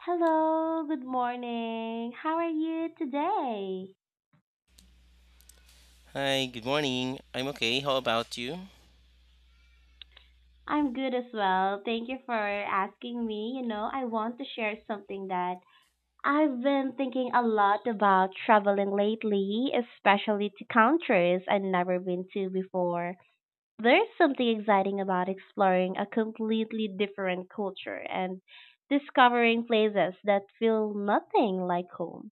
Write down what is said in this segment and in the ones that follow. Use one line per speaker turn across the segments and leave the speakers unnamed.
Hello, good morning. How are you today?
Hi, good morning. I'm okay. How about you?
I'm good as well. Thank you for asking me. You know, I want to share something that I've been thinking a lot about traveling lately, especially to countries I've never been to before. There's something exciting about exploring a completely different culture and discovering places that feel nothing like home.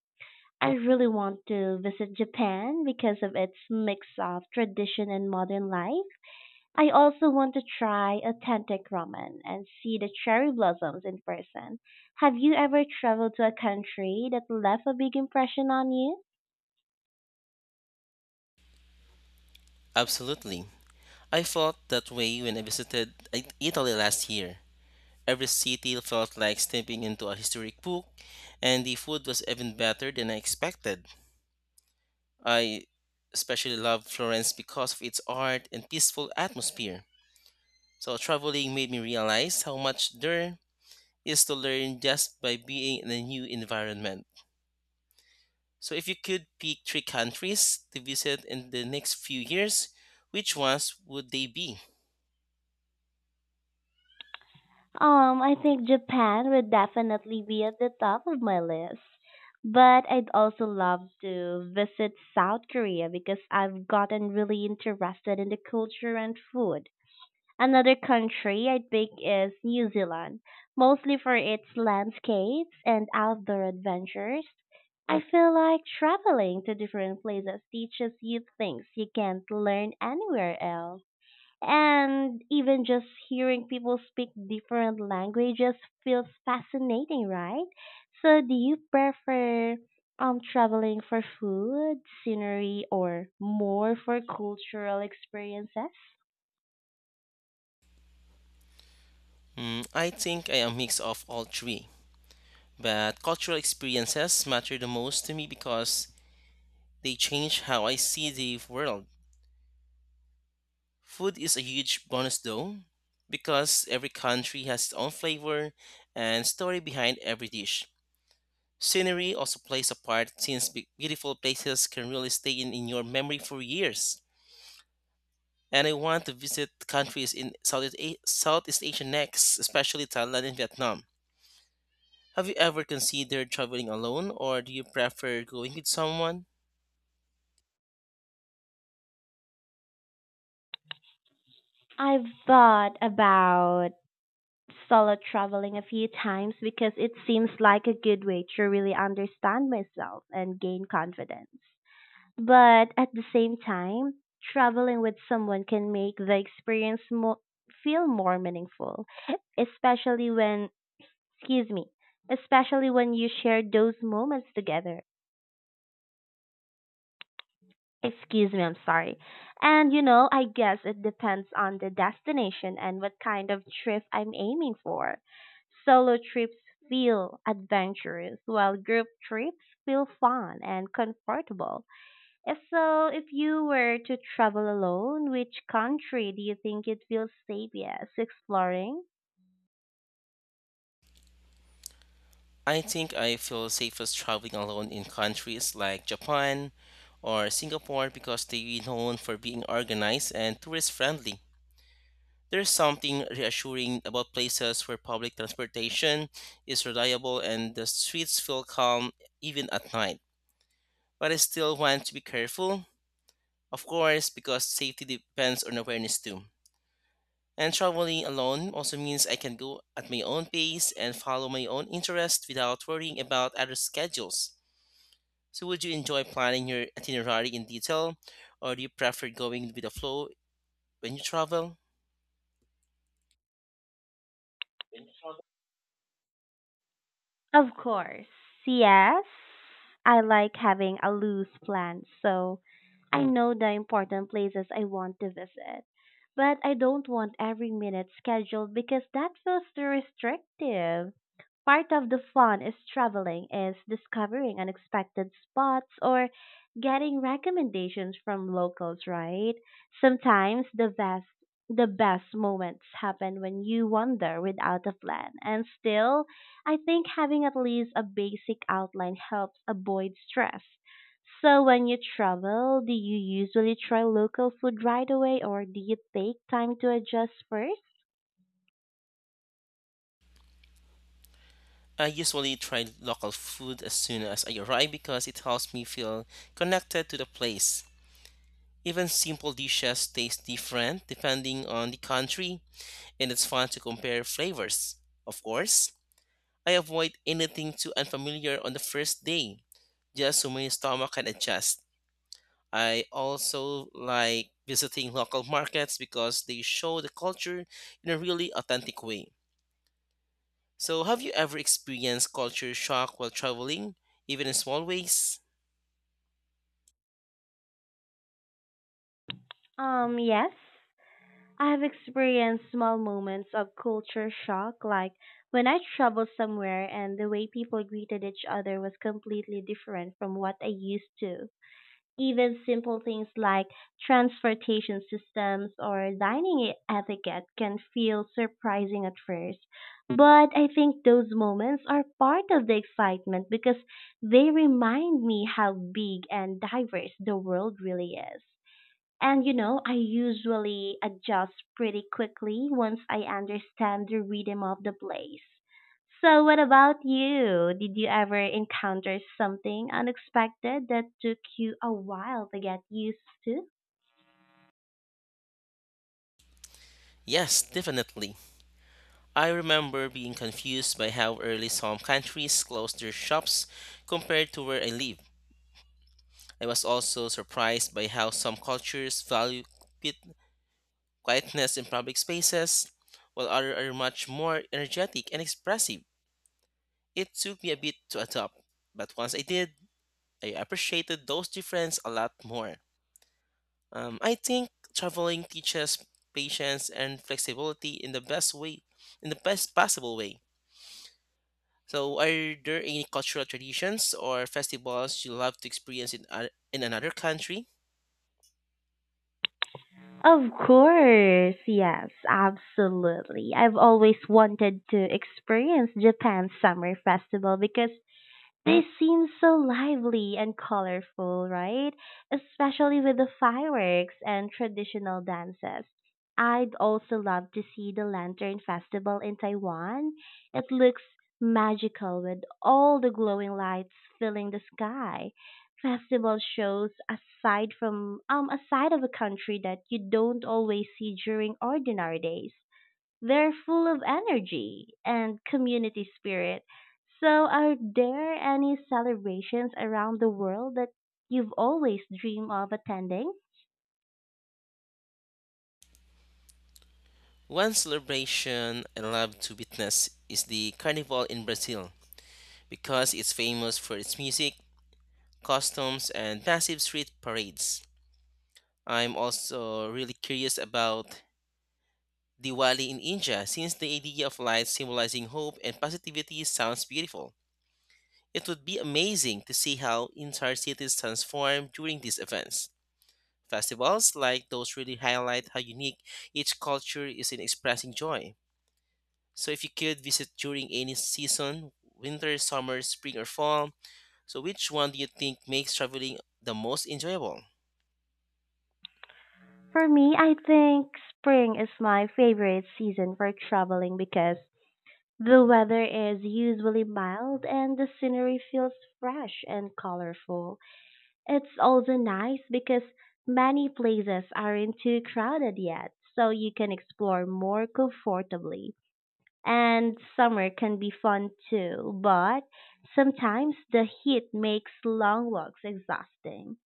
I really want to visit Japan because of its mix of tradition and modern life. I also want to try authentic ramen and see the cherry blossoms in person. Have you ever traveled to a country that left a big impression on you?
Absolutely. I felt that way when I visited Italy last year. Every city felt like stepping into a historic book, and the food was even better than I expected. I especially love Florence because of its art and peaceful atmosphere. So, traveling made me realize how much there is to learn just by being in a new environment. So, if you could pick three countries to visit in the next few years, which ones would they be?
I think Japan would definitely be at the top of my list. But I'd also love to visit South Korea because I've gotten really interested in the culture and food. Another country I'd pick is New Zealand, mostly for its landscapes and outdoor adventures. I feel like traveling to different places teaches you things you can't learn anywhere else. And even just hearing people speak different languages feels fascinating, right? So, do you prefer traveling for food, scenery, or more for cultural experiences?
Hmm, I think I am a mix of all three, but cultural experiences matter the most to me because they change how I see the world. Food is a huge bonus though, because every country has its own flavor and story behind every dish. Scenery also plays a part since beautiful places can really stay in your memory for years. And I want to visit countries in Southeast Asia next, especially Thailand and Vietnam. Have you ever considered traveling alone, or do you prefer going with someone?
I've thought about solo traveling a few times because it seems like a good way to really understand myself and gain confidence. But at the same time, traveling with someone can make the feel more meaningful, especially when, excuse me, especially when you share those moments together. Excuse me, I'm sorry. And you know, I guess it depends on the destination and what kind of trip I'm aiming for. Solo trips feel adventurous, while group trips feel fun and comfortable. If you were to travel alone, which country do you think it feels safest exploring?
I think I feel safest traveling alone in countries like Japan or Singapore because they're known for being organized and tourist friendly. There's something reassuring about places where public transportation is reliable and the streets feel calm even at night. But I still want to be careful. Of course, because safety depends on awareness too. And traveling alone also means I can go at my own pace and follow my own interests without worrying about other schedules. So, would you enjoy planning your itinerary in detail, or do you prefer going with the flow when you travel?
Of course. Yes. I like having a loose plan, so I know the important places I want to visit, but I don't want every minute scheduled because that feels too restrictive. Part of the fun is traveling is discovering unexpected spots or getting recommendations from locals, right? Sometimes the best moments happen when you wander without a plan. And still, I think having at least a basic outline helps avoid stress. So when you travel, do you usually try local food right away or do you take time to adjust first?
I usually try local food as soon as I arrive because it helps me feel connected to the place. Even simple dishes taste different depending on the country, and it's fun to compare flavors. Of course, I avoid anything too unfamiliar on the first day, just so my stomach can adjust. I also like visiting local markets because they show the culture in a really authentic way. So, have you ever experienced culture shock while traveling, even in small ways?
Yes. I have experienced small moments of culture shock, like when I traveled somewhere and the way people greeted each other was completely different from what I used to. Even simple things like transportation systems or dining etiquette can feel surprising at first. But I think those moments are part of the excitement because they remind me how big and diverse the world really is. And you know, I usually adjust pretty quickly once I understand the rhythm of the place. So, what about you? Did you ever encounter something unexpected that took you a while to get used to?
Yes, definitely. I remember being confused by how early some countries close their shops compared to where I live. I was also surprised by how some cultures value quietness in public spaces, while others are much more energetic and expressive. It took me a bit to adopt, but once I did, I appreciated those differences a lot more. I think traveling teaches patience and flexibility in the best way, in the best possible way. So, are there any cultural traditions or festivals you love to experience in another country?
Of course, yes, absolutely. I've always wanted to experience Japan's summer festival because they seem so lively and colorful, right? Especially with the fireworks and traditional dances. I'd also love to see the Lantern Festival in Taiwan. It looks magical with all the glowing lights filling the sky. Festival shows aside of a country that you don't always see during ordinary days. They're full of energy and community spirit. So, are there any celebrations around the world that you've always dreamed of attending?
One celebration I love to witness is the carnival in Brazil, because it's famous for its music, customs, and massive street parades. I'm also really curious about Diwali in India since the idea of lights symbolizing hope and positivity sounds beautiful. It would be amazing to see how entire cities transform during these events. Festivals like those really highlight how unique each culture is in expressing joy. So if you could visit during any season, winter, summer, spring, or fall, which one do you think makes traveling the most enjoyable?
For me, I think spring is my favorite season for traveling because the weather is usually mild and the scenery feels fresh and colorful. It's also nice because many places aren't too crowded yet, so you can explore more comfortably. And summer can be fun too, but sometimes the heat makes long walks exhausting.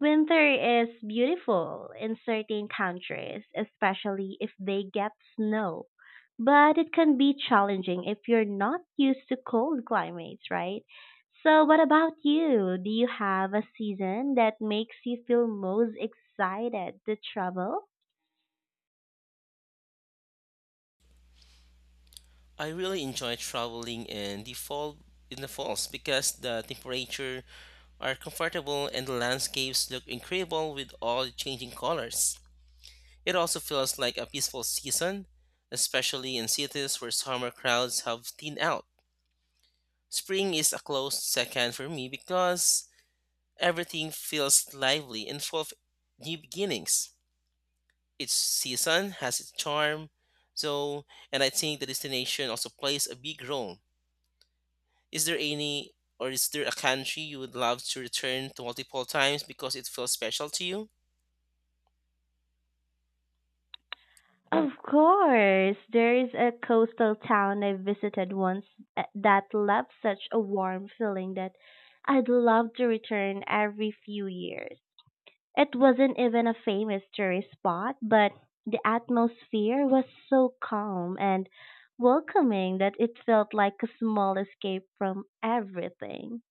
Winter is beautiful in certain countries, especially if they get snow. But it can be challenging if you're not used to cold climates, right? So, what about you? Do you have a season that makes you feel most excited to travel?
I really enjoy traveling in the falls because the temperature are comfortable and the landscapes look incredible with all the changing colors. It also feels like a peaceful season, especially in cities where summer crowds have thinned out. Spring is a close second for me because everything feels lively and full of new beginnings. Each season has its charm, so and I think the destination also plays a big role. Is there any is there a country you would love to return to multiple times because it feels special to you?
Of course, there is a coastal town I visited once that left such a warm feeling that I'd love to return every few years. It wasn't even a famous tourist spot, but the atmosphere was so calm and welcoming that it felt like a small escape from everything.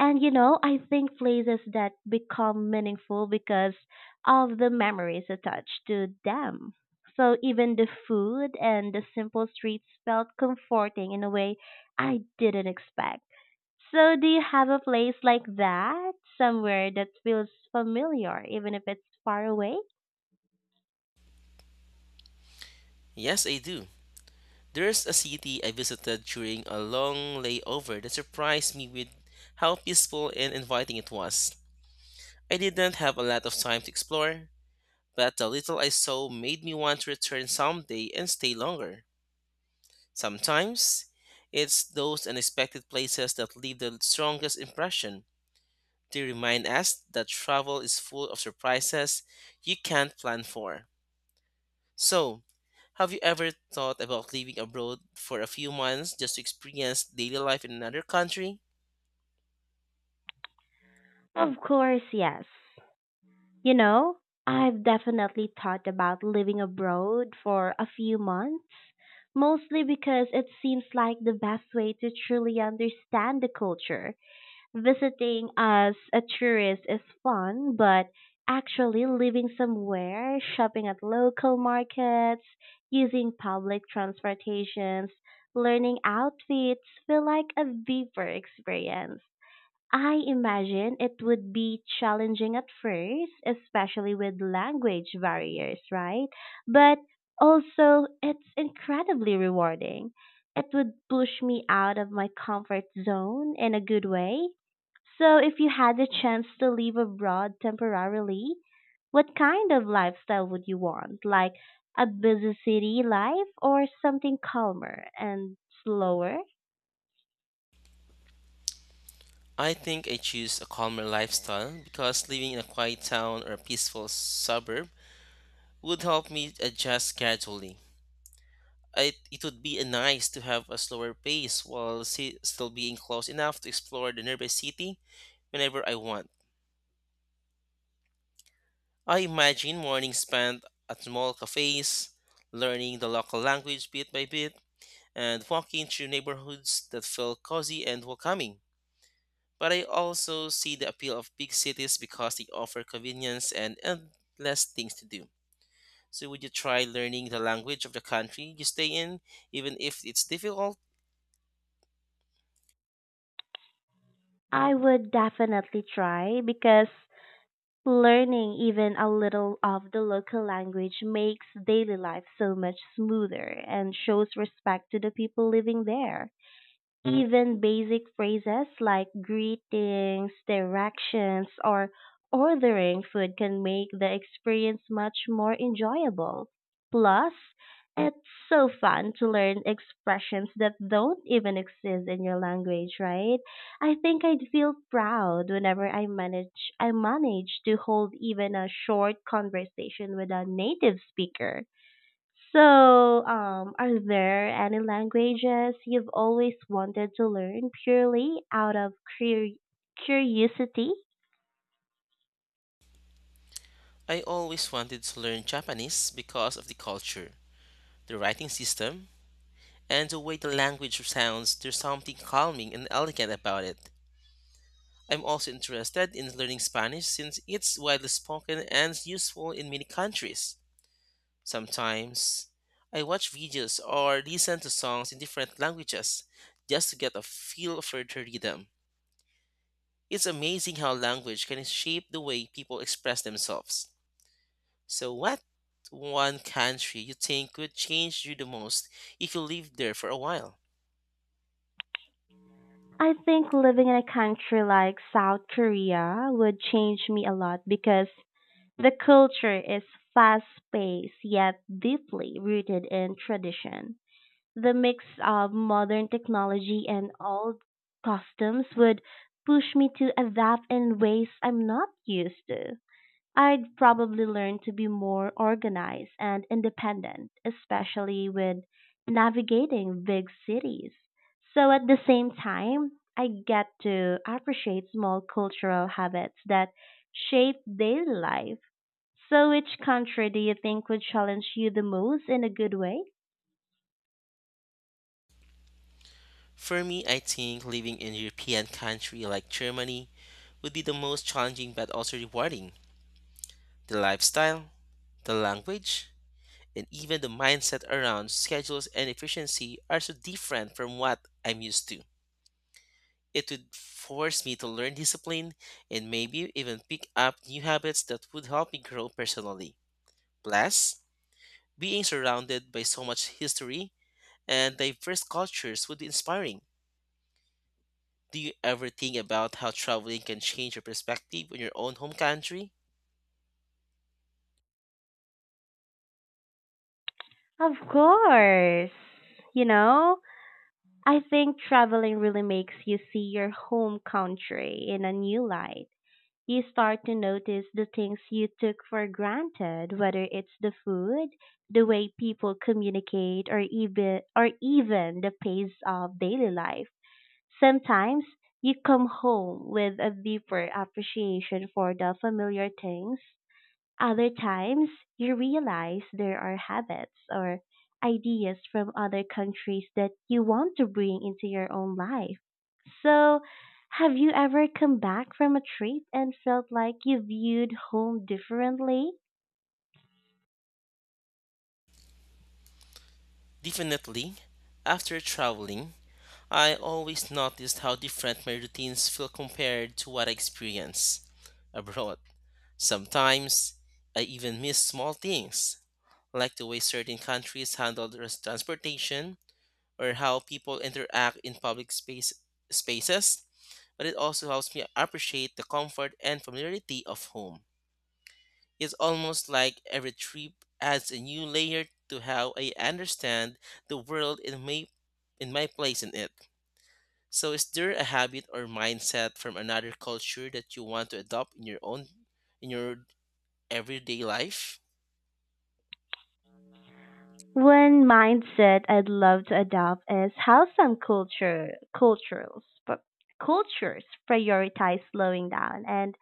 And you know, I think places that become meaningful because of the memories attached to them. So even the food and the simple streets felt comforting in a way I didn't expect. So do you have a place like that, somewhere that feels familiar even if it's far away?
Yes, I do. There's a city I visited during a long layover that surprised me with how peaceful and inviting it was. I didn't have a lot of time to explore, but the little I saw made me want to return someday and stay longer. Sometimes it's those unexpected places that leave the strongest impression. They remind us that travel is full of surprises you can't plan for. So, have you ever thought about living abroad for a few months just to experience daily life in another country?
Of course, yes. You know, I've definitely thought about living abroad for a few months, mostly because it seems like the best way to truly understand the culture. Visiting as a tourist is fun, but actually living somewhere, shopping at local markets, using public transportations, learning outfits feel like a deeper experience. I imagine it would be challenging at first, especially with language barriers, right? But also, it's incredibly rewarding. It would push me out of my comfort zone in a good way. So, if you had the chance to live abroad temporarily, what kind of lifestyle would you want? Like a busy city life or something calmer and slower?
I think I choose a calmer lifestyle because living in a quiet town or a peaceful suburb would help me adjust gradually. It would be nice to have a slower pace while still being close enough to explore the nearby city whenever I want. I imagine mornings spent at small cafes, learning the local language bit by bit, and walking through neighborhoods that feel cozy and welcoming. But I also see the appeal of big cities because they offer convenience and endless things to do. So, would you try learning the language of the country you stay in, even if it's difficult?
I would definitely try because learning even a little of the local language makes daily life so much smoother and shows respect to the people living there. Even basic phrases like greetings, directions, or ordering food can make the experience much more enjoyable. Plus, it's so fun to learn expressions that don't even exist in your language, right? I think I'd feel proud whenever I manage to hold even a short conversation with a native speaker. So, are there any languages you've always wanted to learn purely out of cur- curiosity?
I always wanted to learn Japanese because of the culture, the writing system, and the way the language sounds. There's something calming and elegant about it. I'm also interested in learning Spanish since it's widely spoken and useful in many countries. Sometimes I watch videos or listen to songs in different languages just to get a feel for their rhythm. It's amazing how language can shape the way people express themselves. So, what one country you think would change you the most if you lived there for a while?
I think living in a country like South Korea would change me a lot because the culture is fast paced yet deeply rooted in tradition. The mix of modern technology and old customs would push me to adapt in ways I'm not used to. I'd probably learn to be more organized and independent, especially with navigating big cities. So at the same time, I get to appreciate small cultural habits that shape daily life. So which country do you think would challenge you the most in a good way?
For me, I think living in a European country like Germany would be the most challenging but also rewarding. The lifestyle, the language, and even the mindset around schedules and efficiency are so different from what I'm used to. It would force me to learn discipline and maybe even pick up new habits that would help me grow personally. Plus, being surrounded by so much history and diverse cultures would be inspiring. Do you ever think about how traveling can change your perspective on your own home country?
Of course. You know, I think traveling really makes you see your home country in a new light. You start to notice the things you took for granted, whether it's the food, the way people communicate, or even the pace of daily life. Sometimes you come home with a deeper appreciation for the familiar things. Other times, you realize there are habits or ideas from other countries that you want to bring into your own life. So, have you ever come back from a trip and felt like you viewed home differently?
Definitely. After traveling, I always noticed how different my routines feel compared to what I experience abroad. Sometimes, I even miss small things, like the way certain countries handle their transportation or how people interact in spaces. But it also helps me appreciate the comfort and familiarity of home. It's almost like every trip adds a new layer to how I understand the world and my place in it. So, is there a habit or mindset from another culture that you want to adopt in in your everyday life?
One mindset I'd love to adopt is how some culture cultures cultures prioritize slowing down and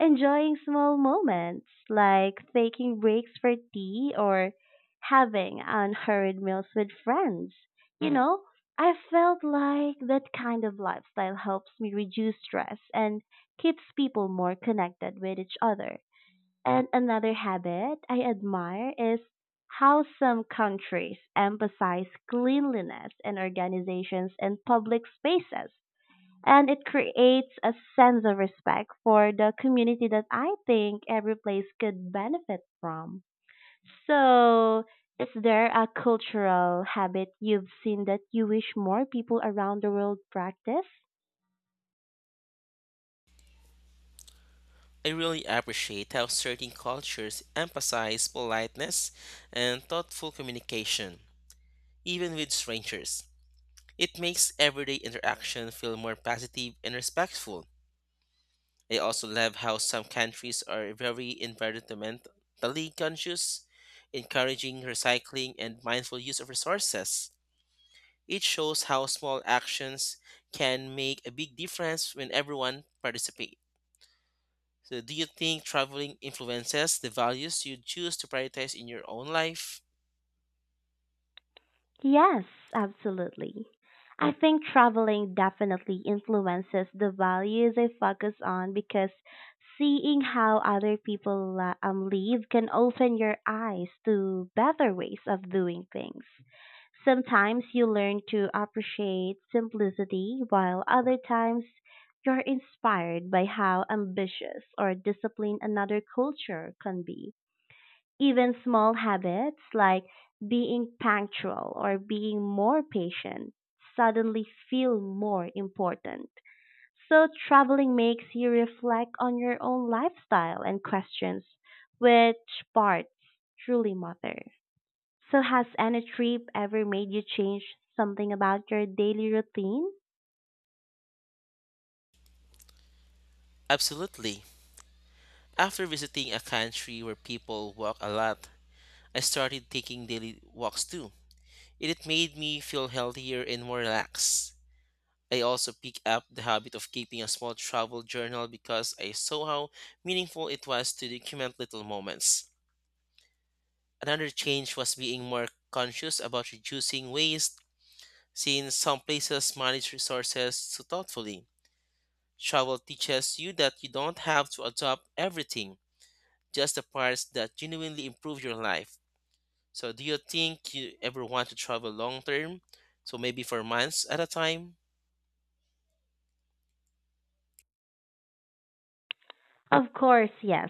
enjoying small moments like taking breaks for tea or having unhurried meals with friends. You know, I felt like that kind of lifestyle helps me reduce stress and keeps people more connected with each other. And another habit I admire is how some countries emphasize cleanliness in organizations and public spaces, and it creates a sense of respect for the community that I think every place could benefit from. So, is there a cultural habit you've seen that you wish more people around the world practice?
I really appreciate how certain cultures emphasize politeness and thoughtful communication, even with strangers. It makes everyday interaction feel more positive and respectful. I also love how some countries are very environmentally conscious, encouraging recycling and mindful use of resources. It shows how small actions can make a big difference when everyone participates. So, do you think traveling influences the values you choose to prioritize in your own life?
Yes, absolutely. I think traveling definitely influences the values I focus on because seeing how other people live can open your eyes to better ways of doing things. Sometimes you learn to appreciate simplicity, while other times you're inspired by how ambitious or disciplined another culture can be. Even small habits like being punctual or being more patient suddenly feel more important. So, traveling makes you reflect on your own lifestyle and questions which parts truly matter. So, has any trip ever made you change something about your daily routine?
Absolutely. After visiting a country where people walk a lot, I started taking daily walks too. It made me feel healthier and more relaxed. I also picked up the habit of keeping a small travel journal because I saw how meaningful it was to document little moments. Another change was being more conscious about reducing waste, since some places manage resources so thoughtfully. Travel teaches you that you don't have to adopt everything, just the parts that genuinely improve your life. So, do you think you ever want to travel long term? So, maybe for months at a time?
Of course, yes.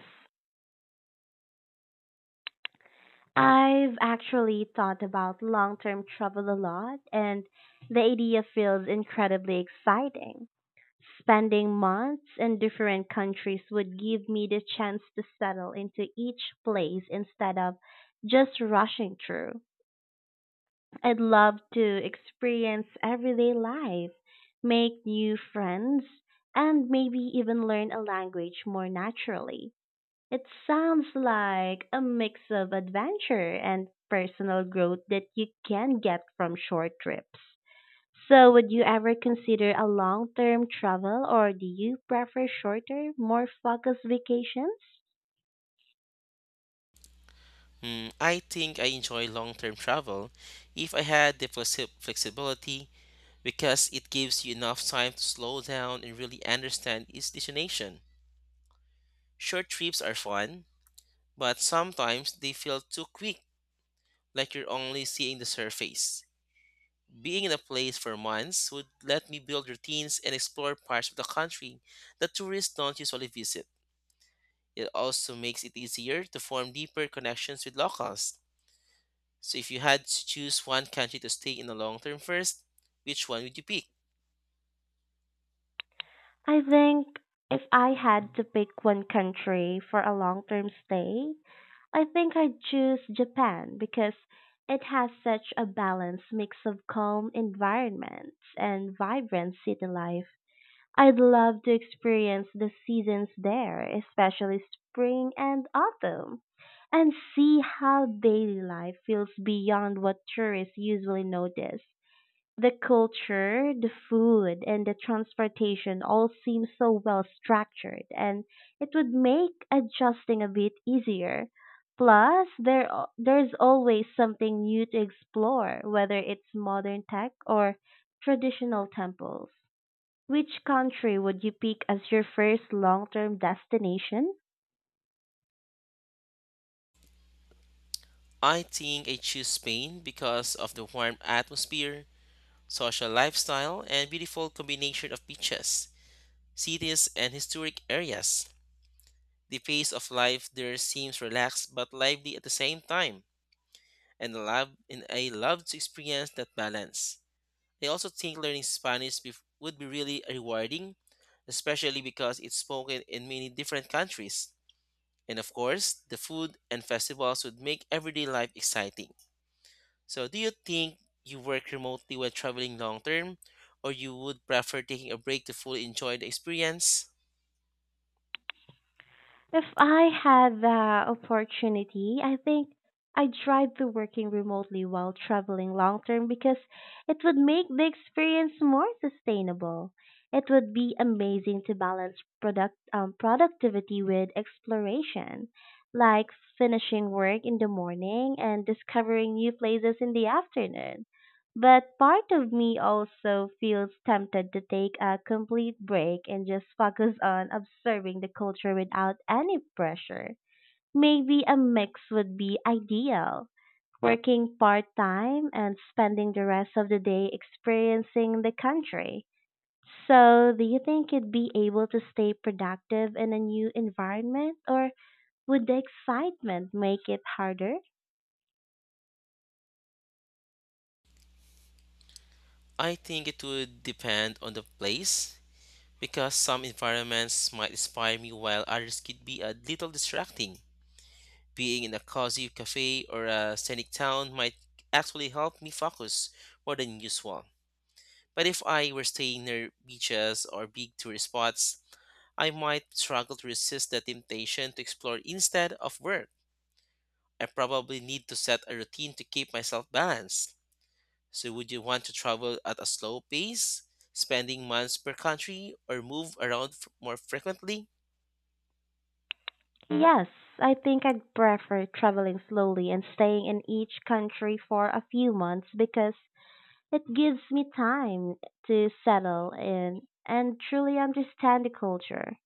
I've actually thought about long term travel a lot, and the idea feels incredibly exciting. Spending months in different countries would give me the chance to settle into each place instead of just rushing through. I'd love to experience everyday life, make new friends, and maybe even learn a language more naturally. It sounds like a mix of adventure and personal growth that you can get from short trips. So, would you ever consider a long term travel or do you prefer shorter, more focused vacations?
Hmm, I think I enjoy long term travel if I had the flexibility because it gives you enough time to slow down and really understand each destination. Short trips are fun, but sometimes they feel too quick, like you're only seeing the surface. Being in a place for months would let me build routines and explore parts of the country that tourists don't usually visit. It also makes it easier to form deeper connections with locals. So, if you had to choose one country to stay in the long term first, which one would you pick?
I think If I had to pick one country for a long term stay, I think I'd choose Japan because it has such a balanced mix of calm environments and vibrant city life. I'd love to experience the seasons there, especially spring and autumn, and see how daily life feels beyond what tourists usually notice. The culture, the food, and the transportation all seem so well structured, and it would make adjusting a bit easier. Plus, there's always something new to explore, whether it's modern tech or traditional temples. Which country would you pick as your first long term destination?
I think I choose Spain because of the warm atmosphere, social lifestyle, and beautiful combination of beaches, cities, and historic areas. The pace of life there seems relaxed but lively at the same time and I love to experience that balance. I also think learning Spanish would be really rewarding, especially because it's spoken in many different countries. And of course, the food and festivals would make everyday life exciting. So, do you think you work remotely when traveling long term, or you would prefer taking a break to fully enjoy the experience?
If I had the opportunity, I think I'd drive to working remotely while traveling long term because it would make the experience more sustainable. It would be amazing to balance productivity with exploration, like finishing work in the morning and discovering new places in the afternoon. But part of me also feels tempted to take a complete break and just focus on observing the culture without any pressure. Maybe a mix would be ideal. Working part time and spending the rest of the day experiencing the country. So, do you think you'd be able to stay productive in a new environment, or would the excitement make it harder?
I think it would depend on the place because some environments might inspire me while others could be a little distracting. Being in a cozy cafe or a scenic town might actually help me focus more than usual. But if I were staying near beaches or big tourist spots, I might struggle to resist the temptation to explore instead of work. I probably need to set a routine to keep myself balanced. So, would you want to travel at a slow pace, spending months per country, or move around more frequently?
Yes, I think I'd prefer traveling slowly and staying in each country for a few months because it gives me time to settle in and truly understand the culture.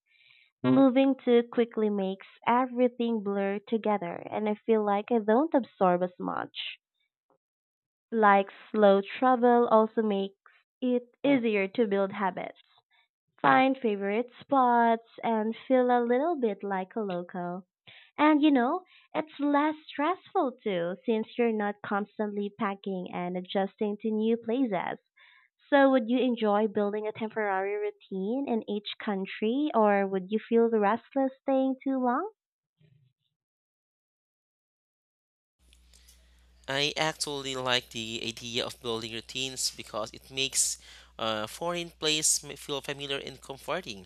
Moving too quickly makes everything blur together and I feel like I don't absorb as much. Like slow travel also makes it easier to build habits, find favorite spots, and feel a little bit like a local. And you know, it's less stressful too, since you're not constantly packing and adjusting to new places. So, would you enjoy building a temporary routine in each country, or would you feel restless staying too long?
I actually like the idea of building routines because it makes a foreign place feel familiar and comforting.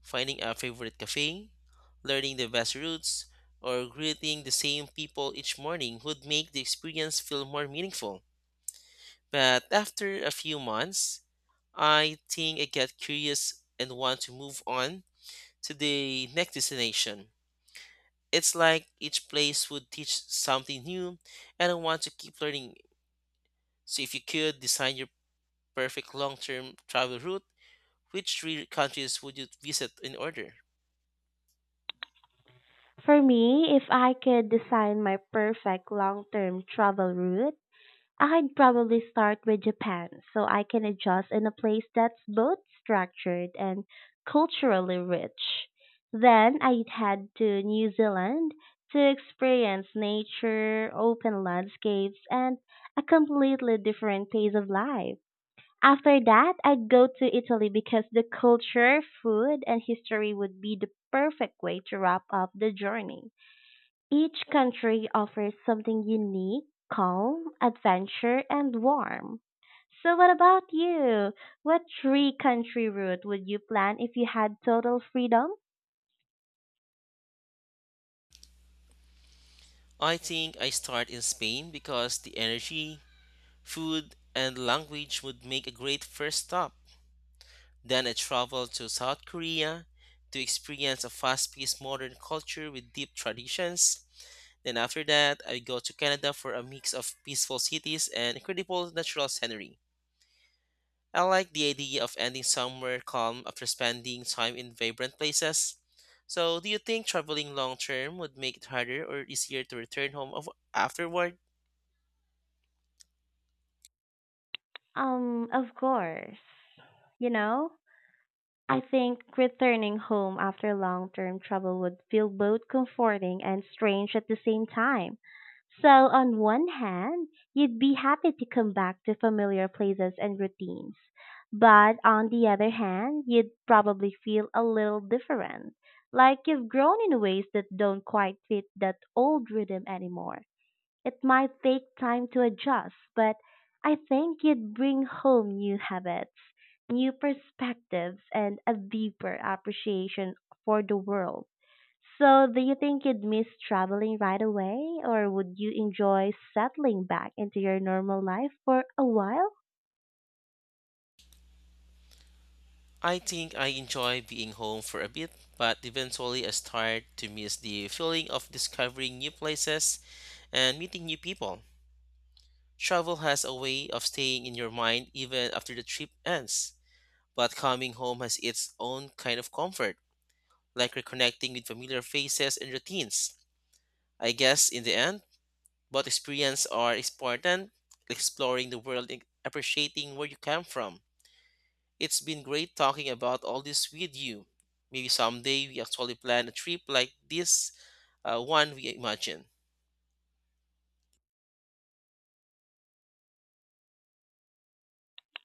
Finding a favorite cafe, learning the best routes, or greeting the same people each morning would make the experience feel more meaningful. But after a few months, I think I get curious and want to move on to the next destination. It's like each place would teach something new, and I want to keep learning. So if you could design your perfect long-term travel route, which three countries would you visit in order?
For me, if I could design my perfect long term travel route, I'd probably start with Japan so I can adjust in a place that's both structured and culturally rich. Then I'd head to New Zealand to experience nature, open landscapes, and a completely different pace of life. After that, I'd go to Italy because the culture, food, and history would be the perfect way to wrap up the journey. Each country offers something unique, calm, adventure, and warm. So what about you? What three country route would you plan if you had total freedom?
I think I start in Spain because the energy, food, and language would make a great first stop. Then I travel to South Korea to experience a fast-paced modern culture with deep traditions. Then after that, I go to Canada for a mix of peaceful cities and incredible natural scenery. I like the idea of ending somewhere calm after spending time in vibrant places. So, do you think traveling long term would make it harder or easier to return home afterward?
Of course. You know? I think returning home after long term travel would feel both comforting and strange at the same time. So, on one hand, you'd be happy to come back to familiar places and routines. But on the other hand, you'd probably feel a little different, like you've grown in ways that don't quite fit that old rhythm anymore. It might take time to adjust, but I think you'd bring home new habits, new perspectives and a deeper appreciation for the world. So, do you think you'd miss traveling right away, or would you enjoy settling back into your normal life for a while?
I think I enjoy being home for a bit, but eventually I start to miss the feeling of discovering new places and meeting new people. Travel has a way of staying in your mind even after the trip ends, but coming home has its own kind of comfort, like reconnecting with familiar faces and routines. I guess in the end, both experiences are important, exploring the world and appreciating where you come from. It's been great talking about all this with you. Maybe someday we actually plan a trip like this, one we imagine.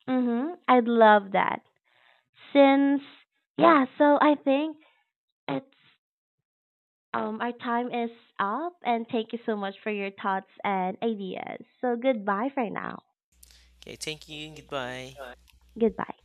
Mm-hmm. I'd love that. Since, yeah, so I think it's our time is up, and thank you so much for your thoughts and ideas. So goodbye for now.
Okay, thank you. Goodbye.
Goodbye.